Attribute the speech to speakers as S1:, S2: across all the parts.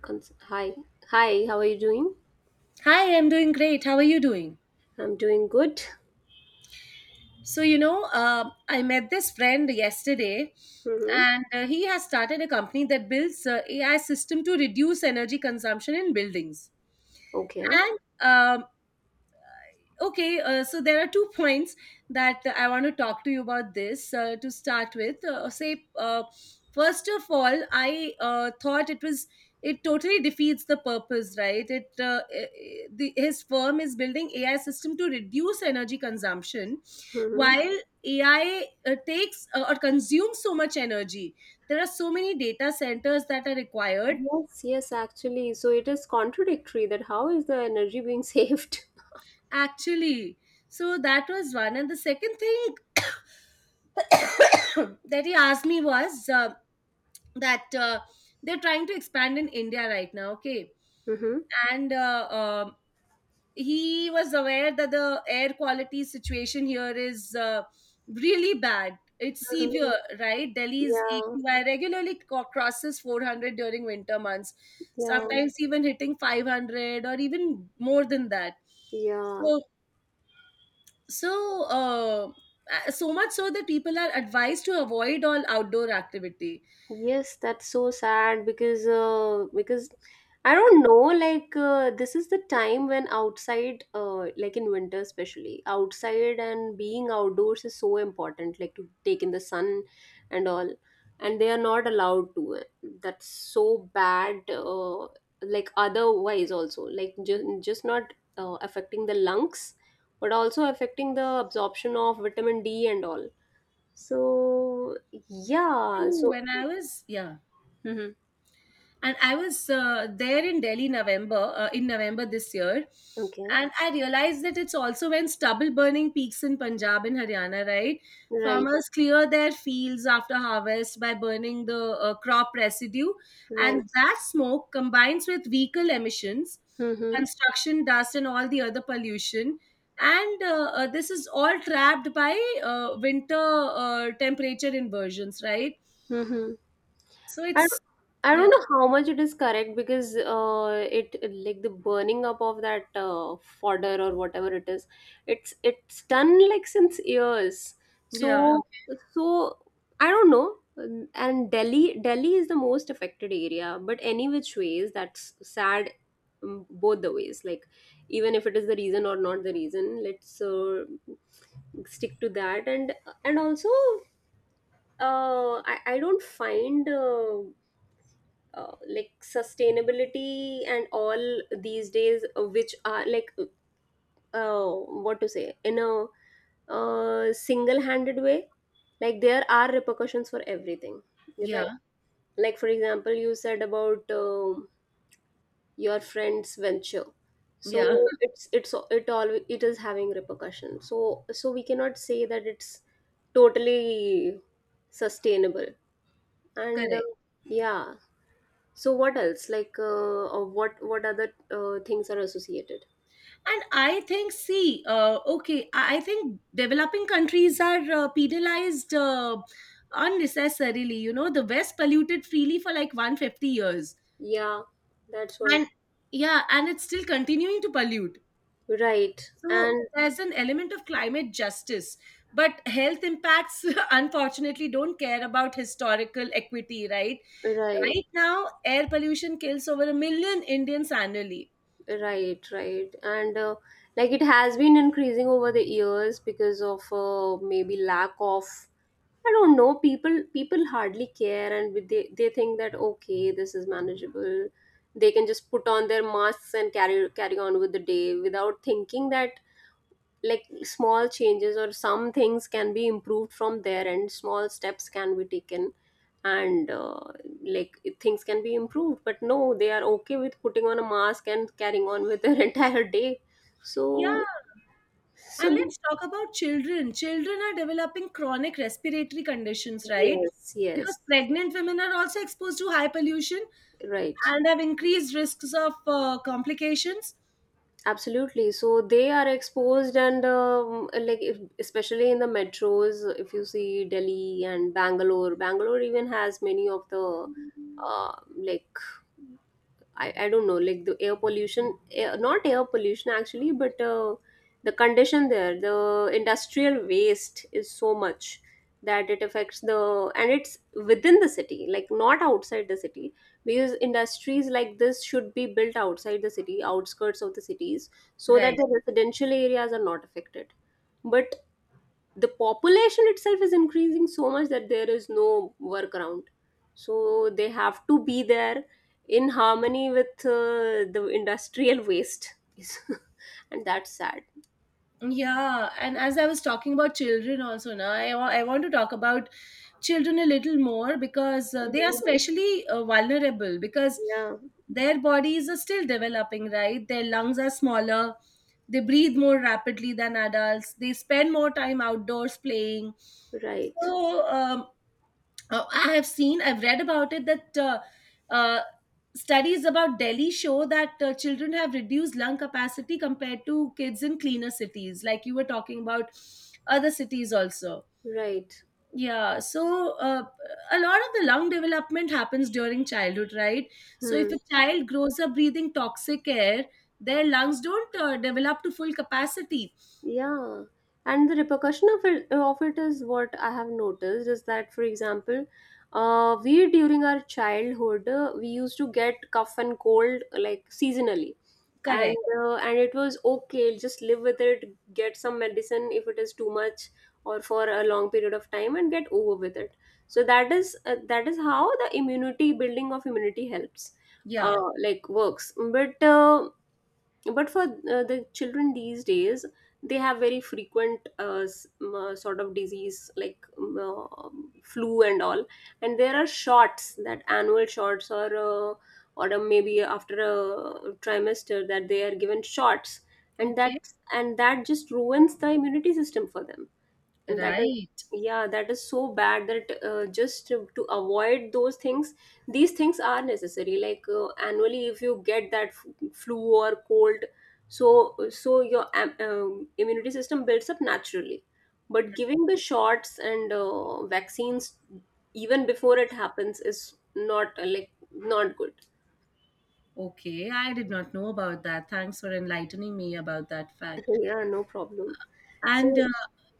S1: Hi, hi. How are you doing?
S2: Hi, I'm doing great. How are you doing?
S1: I'm doing good.
S2: So, you know, I met this friend yesterday,
S1: Mm-hmm.
S2: and he has started a company that builds AI system to reduce energy consumption in buildings.
S1: Okay.
S2: And um, okay, so there are two points that I want to talk to you about this to start with. First of all, I thought it was it totally defeats the purpose, right? It eh, eh, the, His firm is building AI system to reduce energy consumption
S1: Mm-hmm.
S2: while AI takes or consumes so much energy. There are so many data centers that are required
S1: Yes, yes. Actually, so it is contradictory that how is the energy being saved?
S2: actually. So that was one. And the second thing that he asked me was that they're trying to expand in India right now, okay?
S1: Mm-hmm.
S2: And He was aware that the air quality situation here is really bad. It's
S1: Mm-hmm.
S2: severe, right? Delhi's
S1: Yeah,
S2: AQI regularly crosses 400 during winter months,
S1: yeah,
S2: sometimes even hitting 500 or even more than that.
S1: yeah.
S2: So, so, uh, so much so that people are advised to avoid all outdoor activity.
S1: Yes, that's so sad because I don't know, like this is the time when outside, like in winter, especially outside and being outdoors is so important, like to take in the sun and all, and they are not allowed to That's so bad, like otherwise also, like just not affecting the lungs, but also affecting the absorption of vitamin D and all, so yeah,
S2: True.
S1: so.
S2: When I was, yeah.
S1: Mhm.
S2: And I was there in Delhi, november in November this year,
S1: Okay.
S2: and I realized that it's also when stubble burning peaks in Punjab and Haryana, right?
S1: Right.
S2: Farmers clear their fields after harvest by burning the crop residue,
S1: Right.
S2: and that smoke combines with vehicle emissions,
S1: Mm-hmm.
S2: construction dust, and all the other pollution, and this is all trapped by winter temperature inversions, right?
S1: Mm-hmm.
S2: So
S1: I
S2: it's
S1: don't, I
S2: yeah.
S1: don't know how much it is correct, because it like the burning up of that fodder or whatever it is, it's done, like, since years.
S2: Yeah.
S1: So so I don't know. And Delhi is the most affected area, but any which ways, that's sad, both the ways. Like, even if it is the reason or not the reason, let's stick to that. And also, I don't find like, sustainability and all these days, which are like, what to say, in a single-handed way, like there are repercussions for everything, right?
S2: Yeah.
S1: Like, for example, you said about your friend's venture, so
S2: Yeah.
S1: it's, it is having repercussions, so we cannot say that it's totally sustainable. And
S2: Correct.
S1: yeah. So what else? Like, or what other things are associated?
S2: And I think, see, okay, I think developing countries are penalized unnecessarily. You know, the West polluted freely for like 150 years.
S1: Yeah, that's what.
S2: And yeah, and it's still continuing to pollute.
S1: Right.
S2: So
S1: And
S2: there's an element of climate justice. But health impacts, unfortunately, don't care about historical equity, right?
S1: right,
S2: Right now, air pollution kills over a million Indians annually.
S1: right, right. And like, it has been increasing over the years because of, maybe, lack of, I don't know, people hardly care, and they think that okay, this is manageable. They can just put on their masks and carry on with the day without thinking that, like, small changes or some things can be improved from there, and small steps can be taken, and like, things can be improved. But no, they are okay with putting on a mask and carrying on with their entire day,
S2: Yeah.
S1: so
S2: And
S1: so
S2: let's talk about children. Children are developing chronic respiratory conditions, right?
S1: Yes,
S2: Because
S1: yes,
S2: pregnant women are also exposed to high pollution
S1: right,
S2: and have increased risks of complications.
S1: absolutely, so they are exposed. And like, if, especially in the metros, if you see Delhi and Bangalore even has many of the, like, I don't know, like, the air pollution, not air pollution actually, but the condition there, the industrial waste is so much that it affects the and it's within the city, like not outside the city, because industries like this should be built outside the city, outskirts of the cities, so that
S2: Right.
S1: the residential areas are not affected. But the population itself is increasing so much that there is no workaround, so they have to be there in harmony with the industrial waste, and that's sad.
S2: Yeah, and as I was talking about children also now, I want to talk about children a little more because they are
S1: Mhm.
S2: especially vulnerable because
S1: Yeah,
S2: their bodies are still developing, right? Their lungs are smaller, they breathe more rapidly than adults, they spend more time outdoors playing.
S1: right,
S2: So, I have seen, I've read about it that uh, studies about Delhi show that children have reduced lung capacity compared to kids in cleaner cities, like you were talking about other cities also.
S1: right,
S2: Yeah, so a lot of the lung development happens during childhood, right? So if
S1: hmm.
S2: a child grows up breathing toxic air, their lungs don't develop to full capacity.
S1: Yeah, and the repercussion of it is what I have noticed is that, for example, we, during our childhood, we used to get cough and cold like seasonally. and
S2: Correct.
S1: uh, and it was okay, just live with it, get some medicine if it is too much or for a long period of time, and get over with it. So that is how the immunity, building of immunity, helps,
S2: Yeah.
S1: like, works. But for the children these days, they have very frequent sort of disease, like flu and all, and there are shots, that annual shots, or maybe after a trimester that they are given shots, and
S2: Okay.
S1: that and that just ruins the immunity system for them, and that is,
S2: Right.
S1: yeah, that is so bad that, just to avoid those things, these things are necessary, like, annually if you get that flu or cold, so your immunity system builds up naturally. But giving the shots and vaccines even before it happens is not like, not good.
S2: Okay, I did not know about that. Thanks for enlightening me about that fact.
S1: Yeah, no problem.
S2: And
S1: So
S2: uh,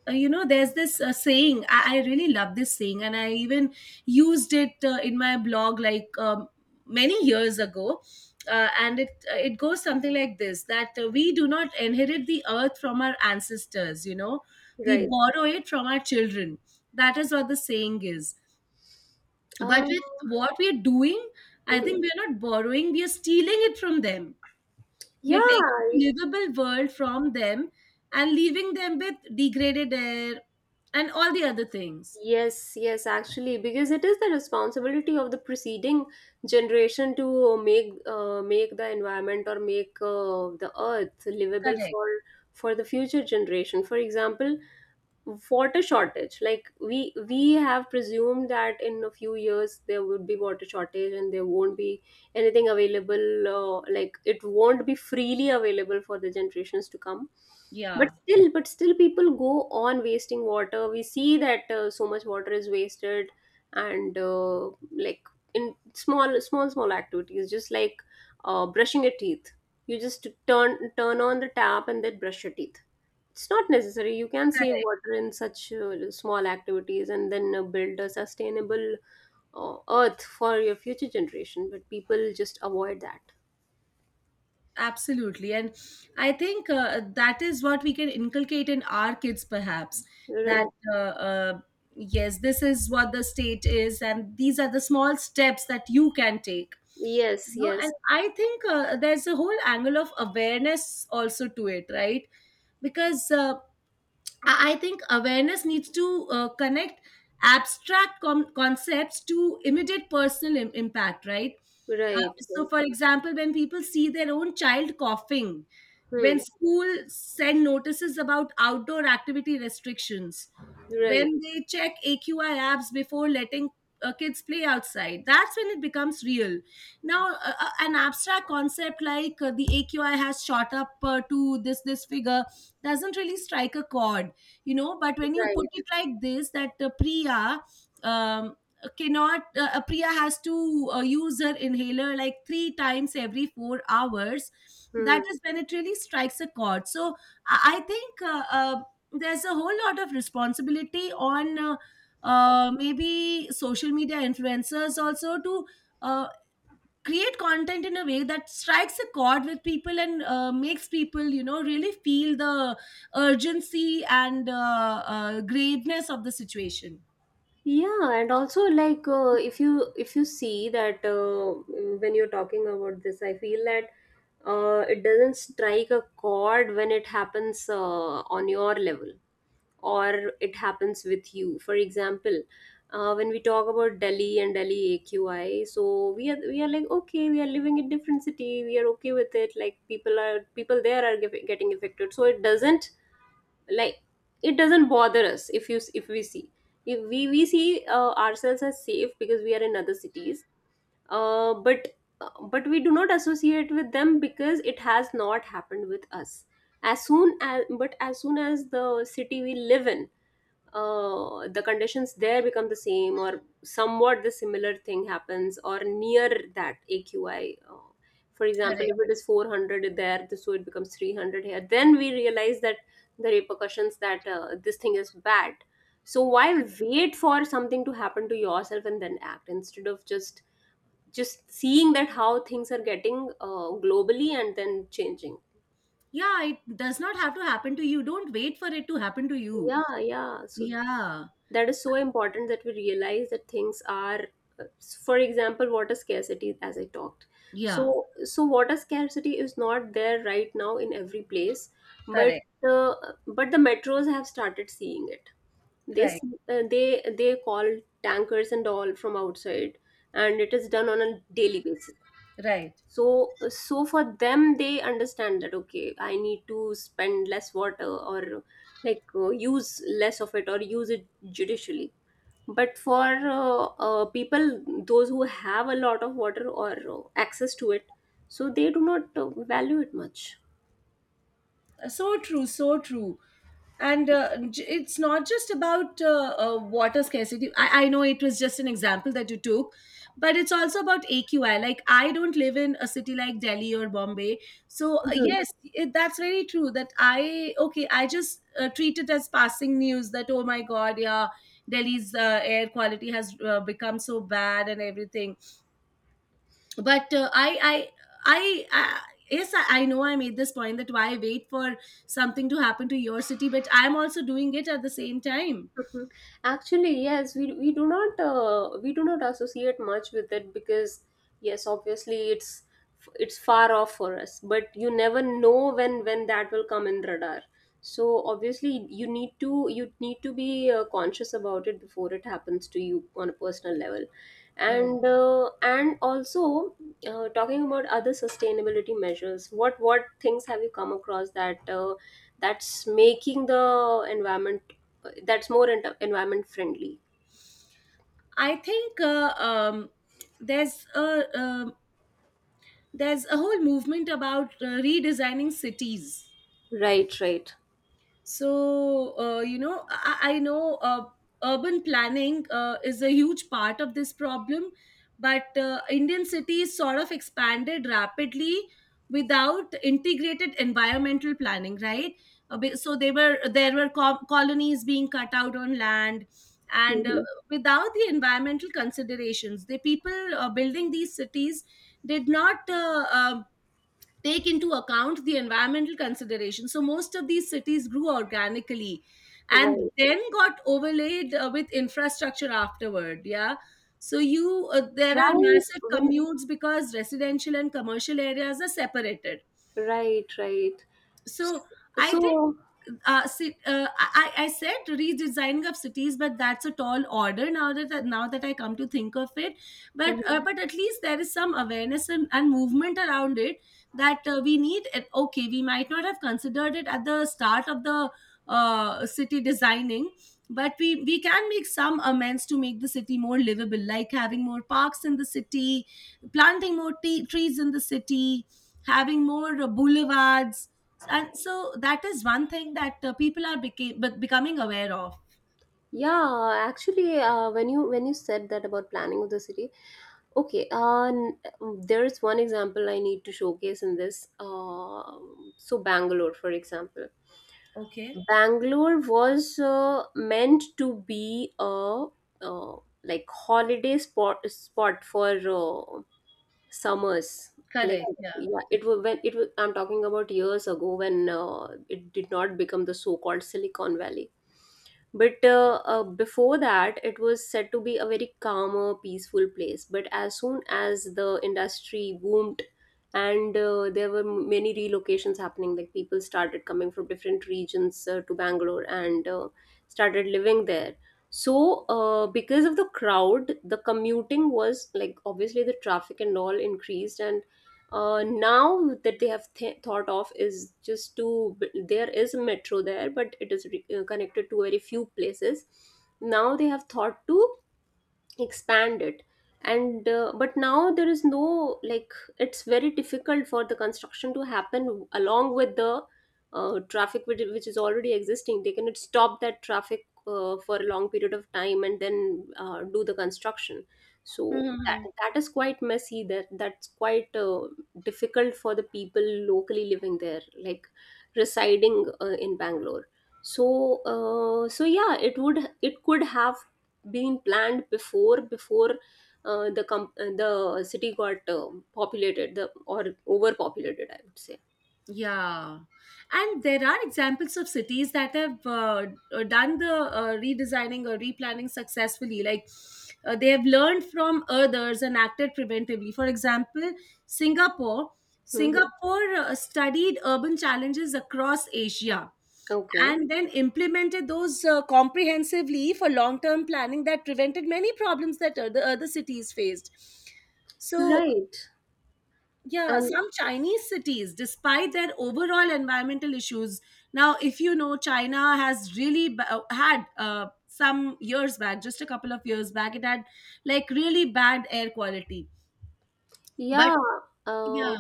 S2: uh, you know, there's this saying, I really love this saying, and I even used it in my blog like many years ago. And it goes something like this: that we do not inherit the earth from our ancestors. You know, we
S1: right,
S2: borrow it from our children. That is what the saying is. But
S1: um
S2: with what we are doing, I think
S1: mhm.
S2: we are not borrowing; we are stealing it from them.
S1: Yeah.
S2: We're taking livable world from them and leaving them with degraded air and all the other things.
S1: Yes, yes, actually, because it is the responsibility of the preceding generation to make, make the environment, or make the earth livable
S2: Correct.
S1: for, the future generation. For example, water shortage, like we have presumed that in a few years there would be water shortage and there won't be anything available, like, it won't be freely available for the generations to come. But
S2: Yeah.
S1: still people go on wasting water. We see that so much water is wasted, and like, in small activities, just like, brushing your teeth, you just turn on the tap and then brush your teeth, it's not necessary. You can save
S2: Correct.
S1: water in such small activities, and then build a sustainable earth for your future generation, but people just avoid that.
S2: Absolutely. And I think that is what we can inculcate in our kids, perhaps.
S1: Right.
S2: That uh, uh, yes, this is what the state is, and these are the small steps that you can take. You
S1: Yes,
S2: know, and
S1: yes.
S2: I think there's a whole angle of awareness also to it, right? Because I think awareness needs to connect abstract concepts to immediate personal impact, right? Uh,
S1: Right,
S2: so,
S1: right.
S2: for example, when people see their own child coughing, when
S1: Hmm.
S2: school send notices about outdoor activity restrictions,
S1: Right,
S2: when they check AQI apps before letting kids play outside, that's when it becomes real. Now an abstract concept like the AQI has shot up to this figure doesn't really strike a chord, you know? But when you put
S1: right.
S2: it like this, that Priya um, cannot Priya has to use her inhaler like three times every 4 hours, that
S1: Hmm.
S2: is when it really strikes a chord. So I think there's a whole lot of responsibility on maybe social media influencers also to uh, create content in a way that strikes a chord with people and makes people, you know, really feel the urgency and graveness of the situation.
S1: Yeah, and also, like, if you see that, when you're talking about this, I feel that, it doesn't strike a chord when it happens, on your level, or it happens with you. For example, when we talk about Delhi and Delhi AQI, so we are like, okay, we are living in different city, we are okay with it, like, people there are getting affected, so it doesn't, like, it doesn't bother us. If if we see if we we see ourselves as safe because we are in other cities. uh, but but we do not associate with them because it has not happened with us. As soon as, the city we live in, the conditions there become the same, or somewhat the similar thing happens, or near that AQI, uh, for example,
S2: Correct.
S1: if it is 400 there, so it becomes 300 here, then we realize that the repercussions, that, this thing is bad. So why wait for something to happen to yourself and then act, instead of just seeing that how things are getting, globally, and then changing.
S2: Yeah, it does not have to happen to you. Don't wait for it to happen to you.
S1: Yeah, yeah, so
S2: Yeah,
S1: that is so important, that we realize that things are, for example, water scarcity, as I talked. so
S2: yeah.
S1: so water scarcity is not there right now in every place, but
S2: Correct.
S1: uh, but the metros have started seeing it. This
S2: Right.
S1: uh, they they call tankers and all from outside, and it is done on a daily basis,
S2: Right.
S1: so so for them, they understand that, okay, I need to spend less water, or, like, use less of it, or use it judicially. But for people, those who have a lot of water, or access to it, so they do not value it much.
S2: So true. So true. And it's not just about water scarcity. I know it was just an example that you took, but it's also about AQI. Like I don't live in a city like Delhi or Bombay, so
S1: Mhm.
S2: yes, that's very true that I okay, I just treat it as passing news that, oh my god, yeah, Delhi's air quality has become so bad and everything. But uh, I, I i i yes, I know I made this point that why wait for something to happen to your city, but I'm also doing it at the same time.
S1: Mhm. Actually, yes, we do not, associate much with it, because, yes, obviously it's, far off for us, but you never know when that will come in radar. So obviously, you need to be, conscious about it before it happens to you on a personal level.
S2: Yeah.
S1: And also, talking about other sustainability measures, what things have you come across that, that's making the environment, that's more environment friendly?
S2: I think there's a um, there's a whole movement about redesigning cities.
S1: Right, right.
S2: So I know urban planning is a huge part of this problem. But Indian cities sort of expanded rapidly without integrated environmental planning, right? Be- so they were there were co- colonies being cut out on land, and
S1: Mhm.
S2: without the environmental considerations, the people building these cities did not take into account the environmental considerations. So most of these cities grew organically and
S1: Right.
S2: then got overlaid with infrastructure afterward. Yeah. So you there are
S1: Right.
S2: massive
S1: When
S2: commutes because residential and commercial areas are separated.
S1: right, right. S-
S2: So I think
S1: So,
S2: I said redesigning of cities, but that's a tall order now that I come to think of it.
S1: mhm.
S2: But at least there is some awareness and movement around it that we need. It. Okay, we might not have considered it at the start of the city designing. But we can make some amends to make the city more livable, like having more parks in the city, planting more trees in the city, having more boulevards, and so that is one thing that becoming aware of.
S1: Yeah, actually, when you said that about planning of the city. Okay, there is one example I need to showcase in this. So Bangalore, for example,
S2: Okay.
S1: Bangalore was meant to be a, uh, like, holiday spot for uh, summers, like,
S2: Correct. Yeah.
S1: yeah, it was, I'm talking about years ago, when it did not become the so-called Silicon Valley. But before that, it was said to be a very calmer, peaceful place. But as soon as the industry boomed, and there were many relocations happening, like people started coming from different regions, to Bangalore, and started living there. So, because of the crowd, the commuting was like obviously the traffic and all increased, and now that they have thought of is just to... there is a metro there, but it is connected to very few places. Now they have thought to expand it, and but now there is no, like, it's very difficult for the construction to happen along with the traffic, which is already existing. They cannot stop that traffic for a long period of time and then do the construction.
S2: Hmm,
S1: So
S2: hmm,
S1: that
S2: hmm.
S1: that is quite messy, that's quite difficult for the people locally living there, like residing in Bangalore. So so yeah, it could have been planned before the the city got populated the or overpopulated, I would say.
S2: Yeah, and there are examples of cities that have done the redesigning or replanning successfully. Like they have learned from others and acted preventively. For example, Singapore.
S1: Hmm.
S2: Singapore studied urban challenges across Asia
S1: Okay.
S2: and then implemented those comprehensively for long term planning that prevented many problems that other cities faced. So
S1: Right.
S2: yeah,
S1: And
S2: some Chinese cities, despite their overall environmental issues, now if you know, China has really had some years back, just a couple of years back, it had like really bad air quality. But
S1: yeah, uh,
S2: yeah,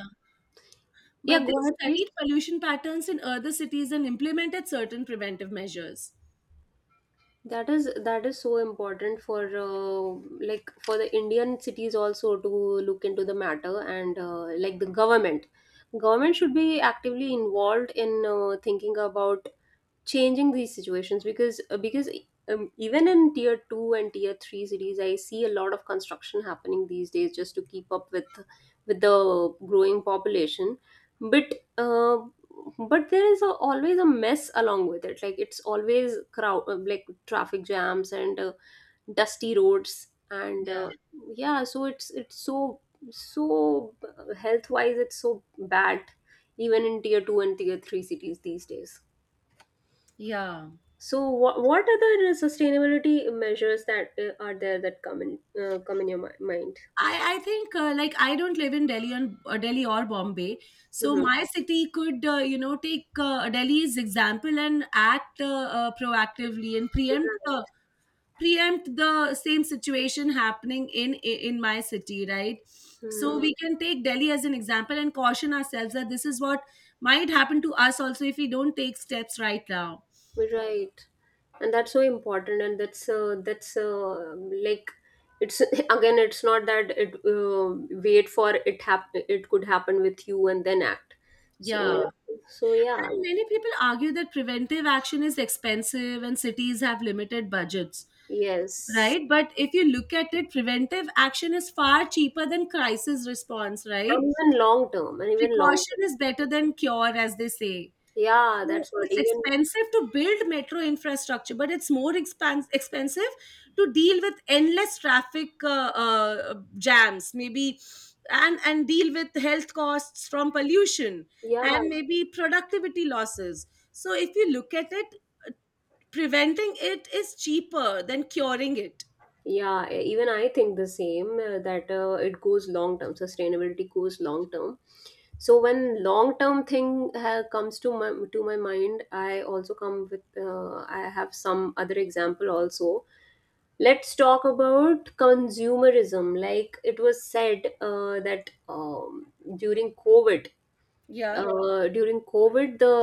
S1: yeah,
S2: but they
S1: go ahead please.
S2: studied pollution patterns in other cities and implemented certain preventive measures.
S1: That is so important for like for the Indian cities also to look into the matter, and like the government should be actively involved in thinking about changing these situations because even in tier 2 and tier 3 cities I see a lot of construction happening these days just to keep up with the growing population. But uh, there is a, always a mess along with it, like it's always crowd like traffic jams and dusty roads and
S2: Yeah.
S1: yeah. So it's so so health wise it's so bad even in tier 2 and tier 3 cities these days.
S2: Yeah.
S1: So, what other sustainability measures that are there that come in come in your mind?
S2: I think like I don't live in Delhi on or Delhi or Bombay, so
S1: Hmm.
S2: my city could you know take Delhi's example and act proactively and preempt
S1: Right.
S2: the same situation happening in my city, right? So
S1: Hmm.
S2: we can take Delhi as an example and caution ourselves that this is what might happen to us also if we don't take steps right now.
S1: Right, and that's so important. And that's like it's, again, it's not that it wait for it happen, it could happen with you and then act. So,
S2: Yeah.
S1: yeah, so yeah.
S2: And many people argue that preventive action is expensive and cities have limited budgets.
S1: Yes,
S2: Right? But if you look at it, preventive action is far cheaper than crisis response, right?
S1: and even long term, and even long
S2: Precaution is
S1: term.
S2: better than cure, as they say.
S1: Yeah,
S2: So
S1: that's what
S2: it's
S1: even.
S2: expensive to build metro infrastructure, but it's more expensive to deal with endless traffic jams, maybe, and deal with health costs from pollution
S1: Yeah.
S2: and maybe productivity losses. So if you look at it, preventing it is cheaper than curing it.
S1: Yeah, even I think the same that it goes long term. Sustainability goes long term. So when long term thing comes to my mind, I also come with I have some other example also. Let's talk about consumerism. Like, it was said that during COVID,
S2: Yeah.
S1: during COVID the...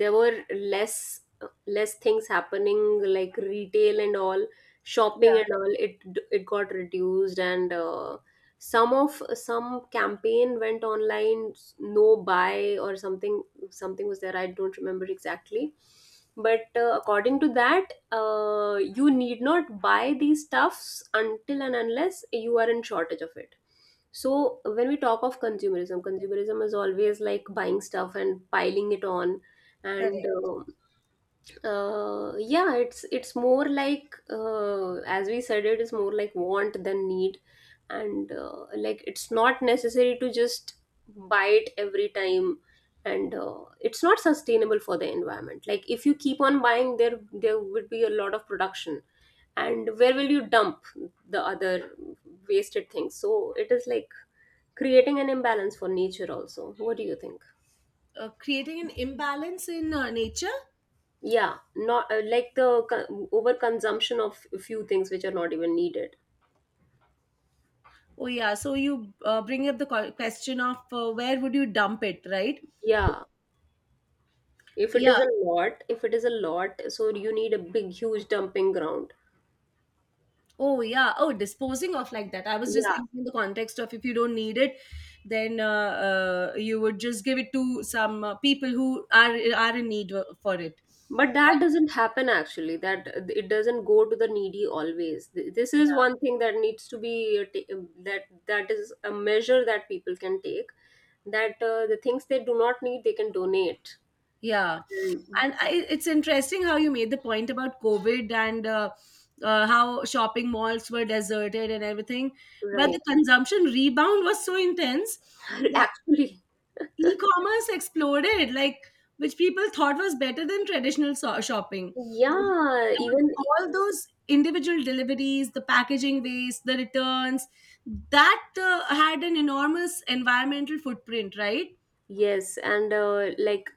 S1: there were less things happening, like retail and all, shopping
S2: Yeah.
S1: and all. It got reduced, and some of some campaign went online. No buy or something, something was there, I don't remember exactly. But according to that you need not buy these stuffs until and unless you are in shortage of it. So when we talk of consumerism, consumerism is always like buying stuff and piling it on, and
S2: Correct.
S1: yeah, it's more like as we said, it is more like want than need. And like it's not necessary to just buy it every time. And it's not sustainable for the environment. Like if you keep on buying, there would be a lot of production, and where will you dump the other wasted things? So it is like creating an imbalance for nature also. What do you think?
S2: Creating an imbalance in nature.
S1: Yeah, not like the overconsumption of a few things which are not even needed.
S2: Oh, yeah. So you bring up the question of where would you dump it, right?
S1: Yeah, if it
S2: Yeah.
S1: is a lot if it is a lot, so you need a big huge dumping ground.
S2: Oh, yeah. Oh, disposing of like that. I was just
S1: Yeah,
S2: thinking in the context of if you don't need it, then you would just give it to some people who are in need for it.
S1: but that doesn't happen actually, that it doesn't go to the needy always. This is one thing that needs to be uh, ta- uh, that is a measure that people can take, that the things they do not need, they can donate.
S2: Yeah.
S1: And—
S2: It's interesting how you made the point about COVID and how shopping malls were deserted and everything. But the
S1: Right.
S2: consumption rebound was so intense that
S1: actually.
S2: e commerce exploded, which people thought was better than traditional shopping. But
S1: Yeah, even.
S2: all those individual deliveries, the packaging waste, the returns, that had an enormous environmental footprint, right?
S1: Yes, and like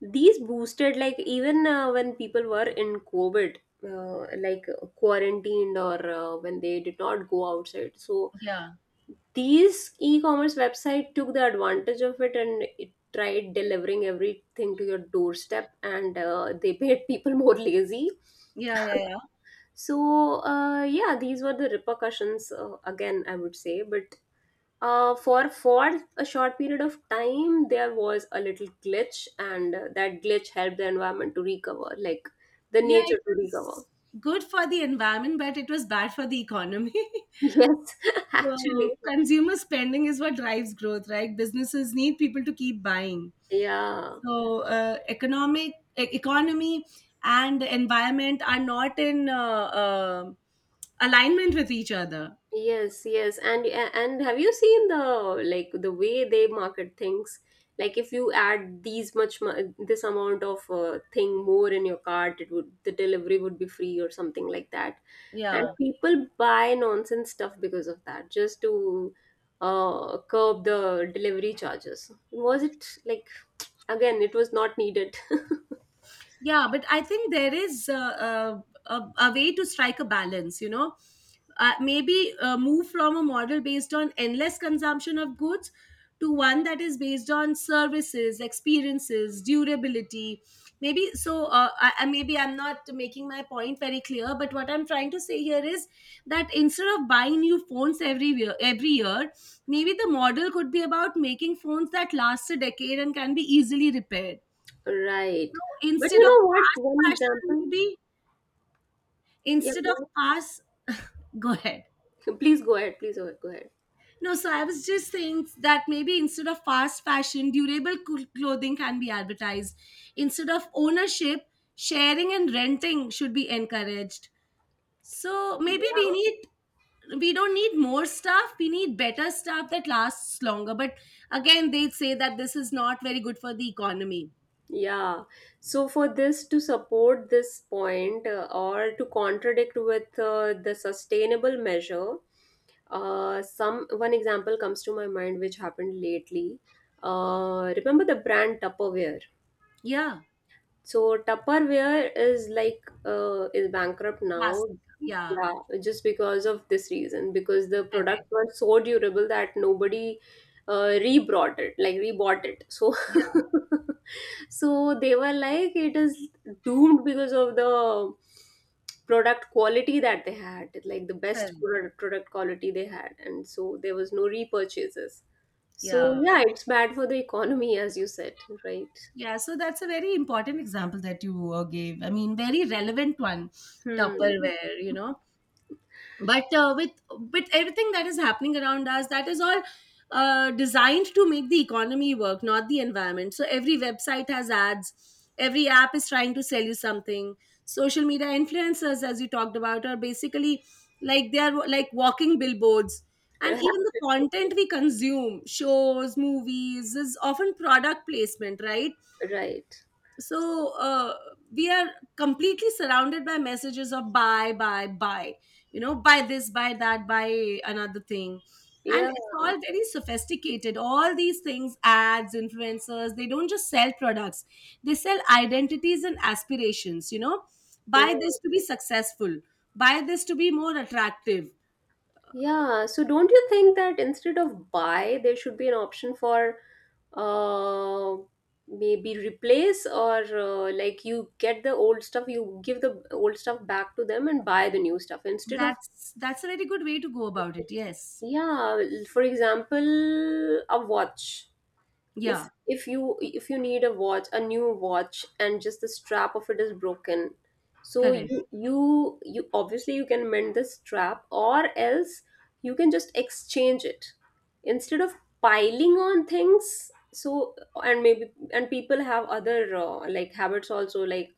S1: these boosted, like even when people were in COVID, like quarantined or when they did not go outside. So
S2: Yeah.
S1: these e-commerce website took the advantage of it, and it tried delivering everything to your doorstep, and they made people more lazy.
S2: Yeah, yeah, yeah.
S1: So yeah, these were the repercussions again, I would say, but... for a short period of time, there was a little glitch, and that glitch helped the environment to recover, like the
S2: Yeah, it
S1: nature to recover.
S2: was good for the environment, but it was bad for the economy.
S1: Yes,
S2: So
S1: actually,
S2: consumer spending is what drives growth, right? Businesses need people to keep buying.
S1: yeah.
S2: So economy and the environment are not in uh, alignment with each other.
S1: Yes, yes. And have you seen the... like the way they market things? Like if you add these much this amount of thing more in your cart, it would... the delivery would be free or something like that. And
S2: Yeah.
S1: people buy nonsense stuff because of that, just to curb the delivery charges. Was it like, again, it was not needed.
S2: Yeah, but I think there is a way to strike a balance, you know. Maybe move from a model based on endless consumption of goods to one that is based on services, experiences, durability. Maybe so. Maybe I'm not making my point very clear, but what I'm trying to say here is that instead of buying new phones every year, maybe the model could be about making phones that last a decade and can be easily repaired
S1: Right.
S2: so
S1: But
S2: instead
S1: you
S2: of
S1: know what?
S2: fast
S1: One
S2: fashion,
S1: example.
S2: maybe
S1: Yeah,
S2: instead of
S1: go
S2: fast, go ahead.
S1: ahead. Please go ahead. Please go ahead. Go
S2: No, so I was just saying that maybe instead of fast fashion, durable clothing can be advertised. Instead of ownership, sharing and renting should be encouraged. So
S1: ahead.
S2: maybe we don't need more stuff, we need better stuff that lasts longer. But again, they say that this is not very good for the economy.
S1: Yeah. So for this to support this point or to contradict with the sustainable measure, some one example comes to my mind which happened lately. Remember the brand Tupperware?
S2: Yeah.
S1: So Tupperware is like is bankrupt now.
S2: Plastic. Yeah,
S1: Yeah, just because of this reason, because the product
S2: correct.
S1: was so durable that nobody rebrought it, like rebought it. So
S2: Yeah,
S1: so they were like it is doomed because of the product quality that they had, like the best
S2: correct.
S1: product quality they had. And so there was no repurchases. So
S2: Yeah.
S1: yeah, it's bad for the economy, as you said, right?
S2: Yeah, so that's a very important example that you gave. I mean, very relevant one,
S1: Hmm.
S2: Tupperware, you know. But with everything that is happening around us, that is all designed to make the economy work, not the environment. So every website has ads, every app is trying to sell you something. Social media influencers, as you talked about, are basically they are like walking billboards. And even the content we consume, shows, movies, is often product placement, right?
S1: right,
S2: So we are completely surrounded by messages of buy, buy, buy, you know. Buy this, buy that, buy another thing. And
S1: yeah,
S2: it's all very sophisticated. All these things, ads, influencers, they don't just sell products, they sell identities and aspirations, you know. Buy this to
S1: right.
S2: be successful, buy this to be more attractive.
S1: Yeah, so don't you think that instead of buy, there should be an option for uh, maybe replace or like you get the old stuff, you give the old stuff back to them and buy the new stuff instead of...
S2: That's a very good way to go about it, yes.
S1: yeah, for example, a watch.
S2: Yeah,
S1: If you need a watch... a new watch and just the strap of it is broken, so
S2: correct.
S1: you obviously you can mend the strap or else you can just exchange it instead of piling on things. So and maybe, and people have other like habits also, like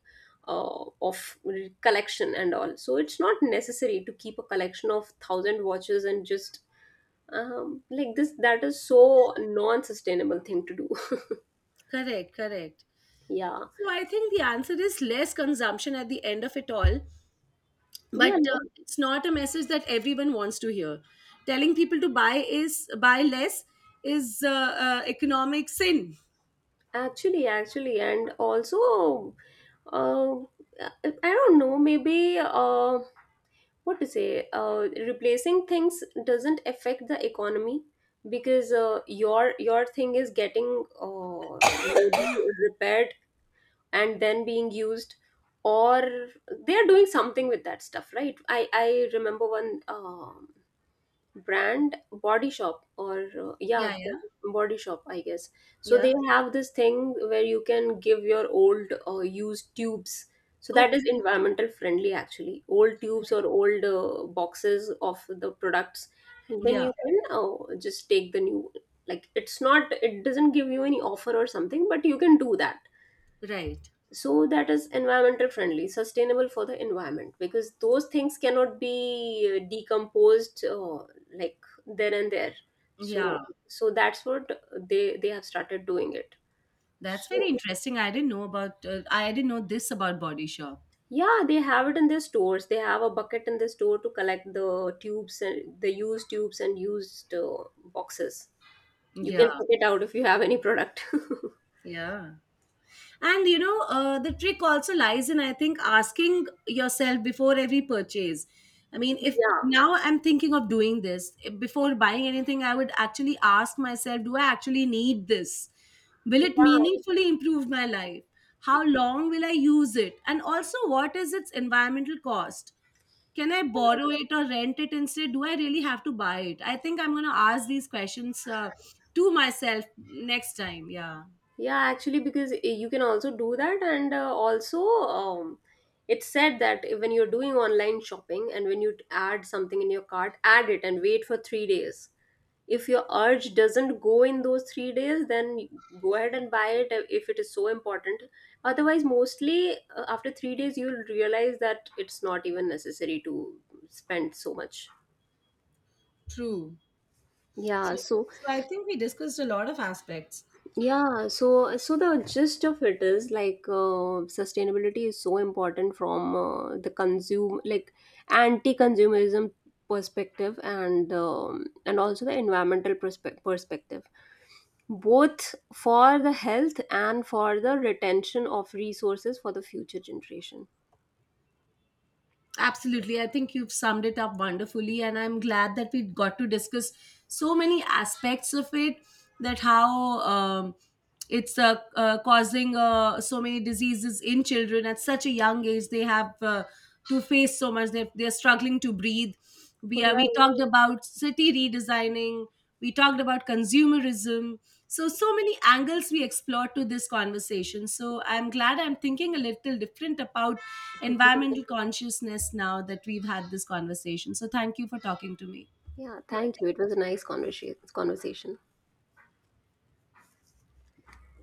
S1: of collection and all. So it's not necessary to keep a collection of thousand watches and just like this. That is so non-sustainable thing to do.
S2: Correct. Correct.
S1: Yeah,
S2: So I think the answer is less consumption at the end of it all, but
S1: yeah, no,
S2: it's not a message that everyone wants to hear. Telling people to buy is buy less is economic sin.
S1: actually, actually, and also, uh, I don't know, maybe what to say, replacing things doesn't affect the economy because your thing is getting maybe repaired and then being used, or they are doing something with that stuff, right? I remember one. Brand body shop or yeah,
S2: Yeah, yeah,
S1: body shop I guess. So
S2: yeah.
S1: they have this thing where you can give your old used tubes. So that is
S2: Okay.
S1: environmental friendly actually, old tubes or old boxes of the products, and then
S2: Yeah.
S1: you can just take the new. Like it's not... it doesn't give you any offer or something, but you can do that.
S2: Right.
S1: So that is environmental friendly, sustainable for the environment, because those things cannot be decomposed like there and there. So
S2: Yeah.
S1: that's what they have started doing it.
S2: That's very
S1: So
S2: interesting. I didn't know about. I didn't know this about Body Shop.
S1: yeah, they have it in their stores. They have a bucket in the store to collect the tubes and the used tubes and used boxes. You
S2: Yeah.
S1: can check it out if you have any product.
S2: Yeah. And you know, the trick also lies in, I think, asking yourself before every purchase. I mean, if
S1: yeah,
S2: now I'm thinking of doing this, if before buying anything, I would actually ask myself, do I actually need this? Will it meaningfully improve my life? How long will I use it? And also, what is its environmental cost? Can I borrow
S1: yeah.
S2: it or rent it instead? Do I really have to buy it? I think I'm going to ask these questions to myself next time. Yeah,
S1: Yeah, actually, because you can also do that, and also it's said that when you're doing online shopping and when you add something in your cart, add it and wait for 3 days. If your urge doesn't go in those 3 days, then go ahead and buy it if it is so important. Otherwise, mostly after 3 days, you'll realize that it's not even necessary to spend so much.
S2: true.
S1: Yeah,
S2: So,
S1: so...
S2: so I think we discussed a lot of aspects.
S1: yeah, so the gist of it is like sustainability is so important from the consume like anti-consumerism perspective and also the environmental perspective, both for the health and for the retention of resources for the future generation.
S2: Absolutely. I think you've summed it up wonderfully. And I'm glad that we got to discuss so many aspects of it, that how it's causing so many diseases in children at such a young age. They have to face so much. They're struggling to breathe. We
S1: Right.
S2: talked about city redesigning. We talked about consumerism. So so many angles we explored to this conversation. So I'm glad I'm thinking a little different about environmental consciousness now that we've had this conversation. So thank you for talking to me.
S1: Yeah, thank you. It was a nice conversation. Conversation.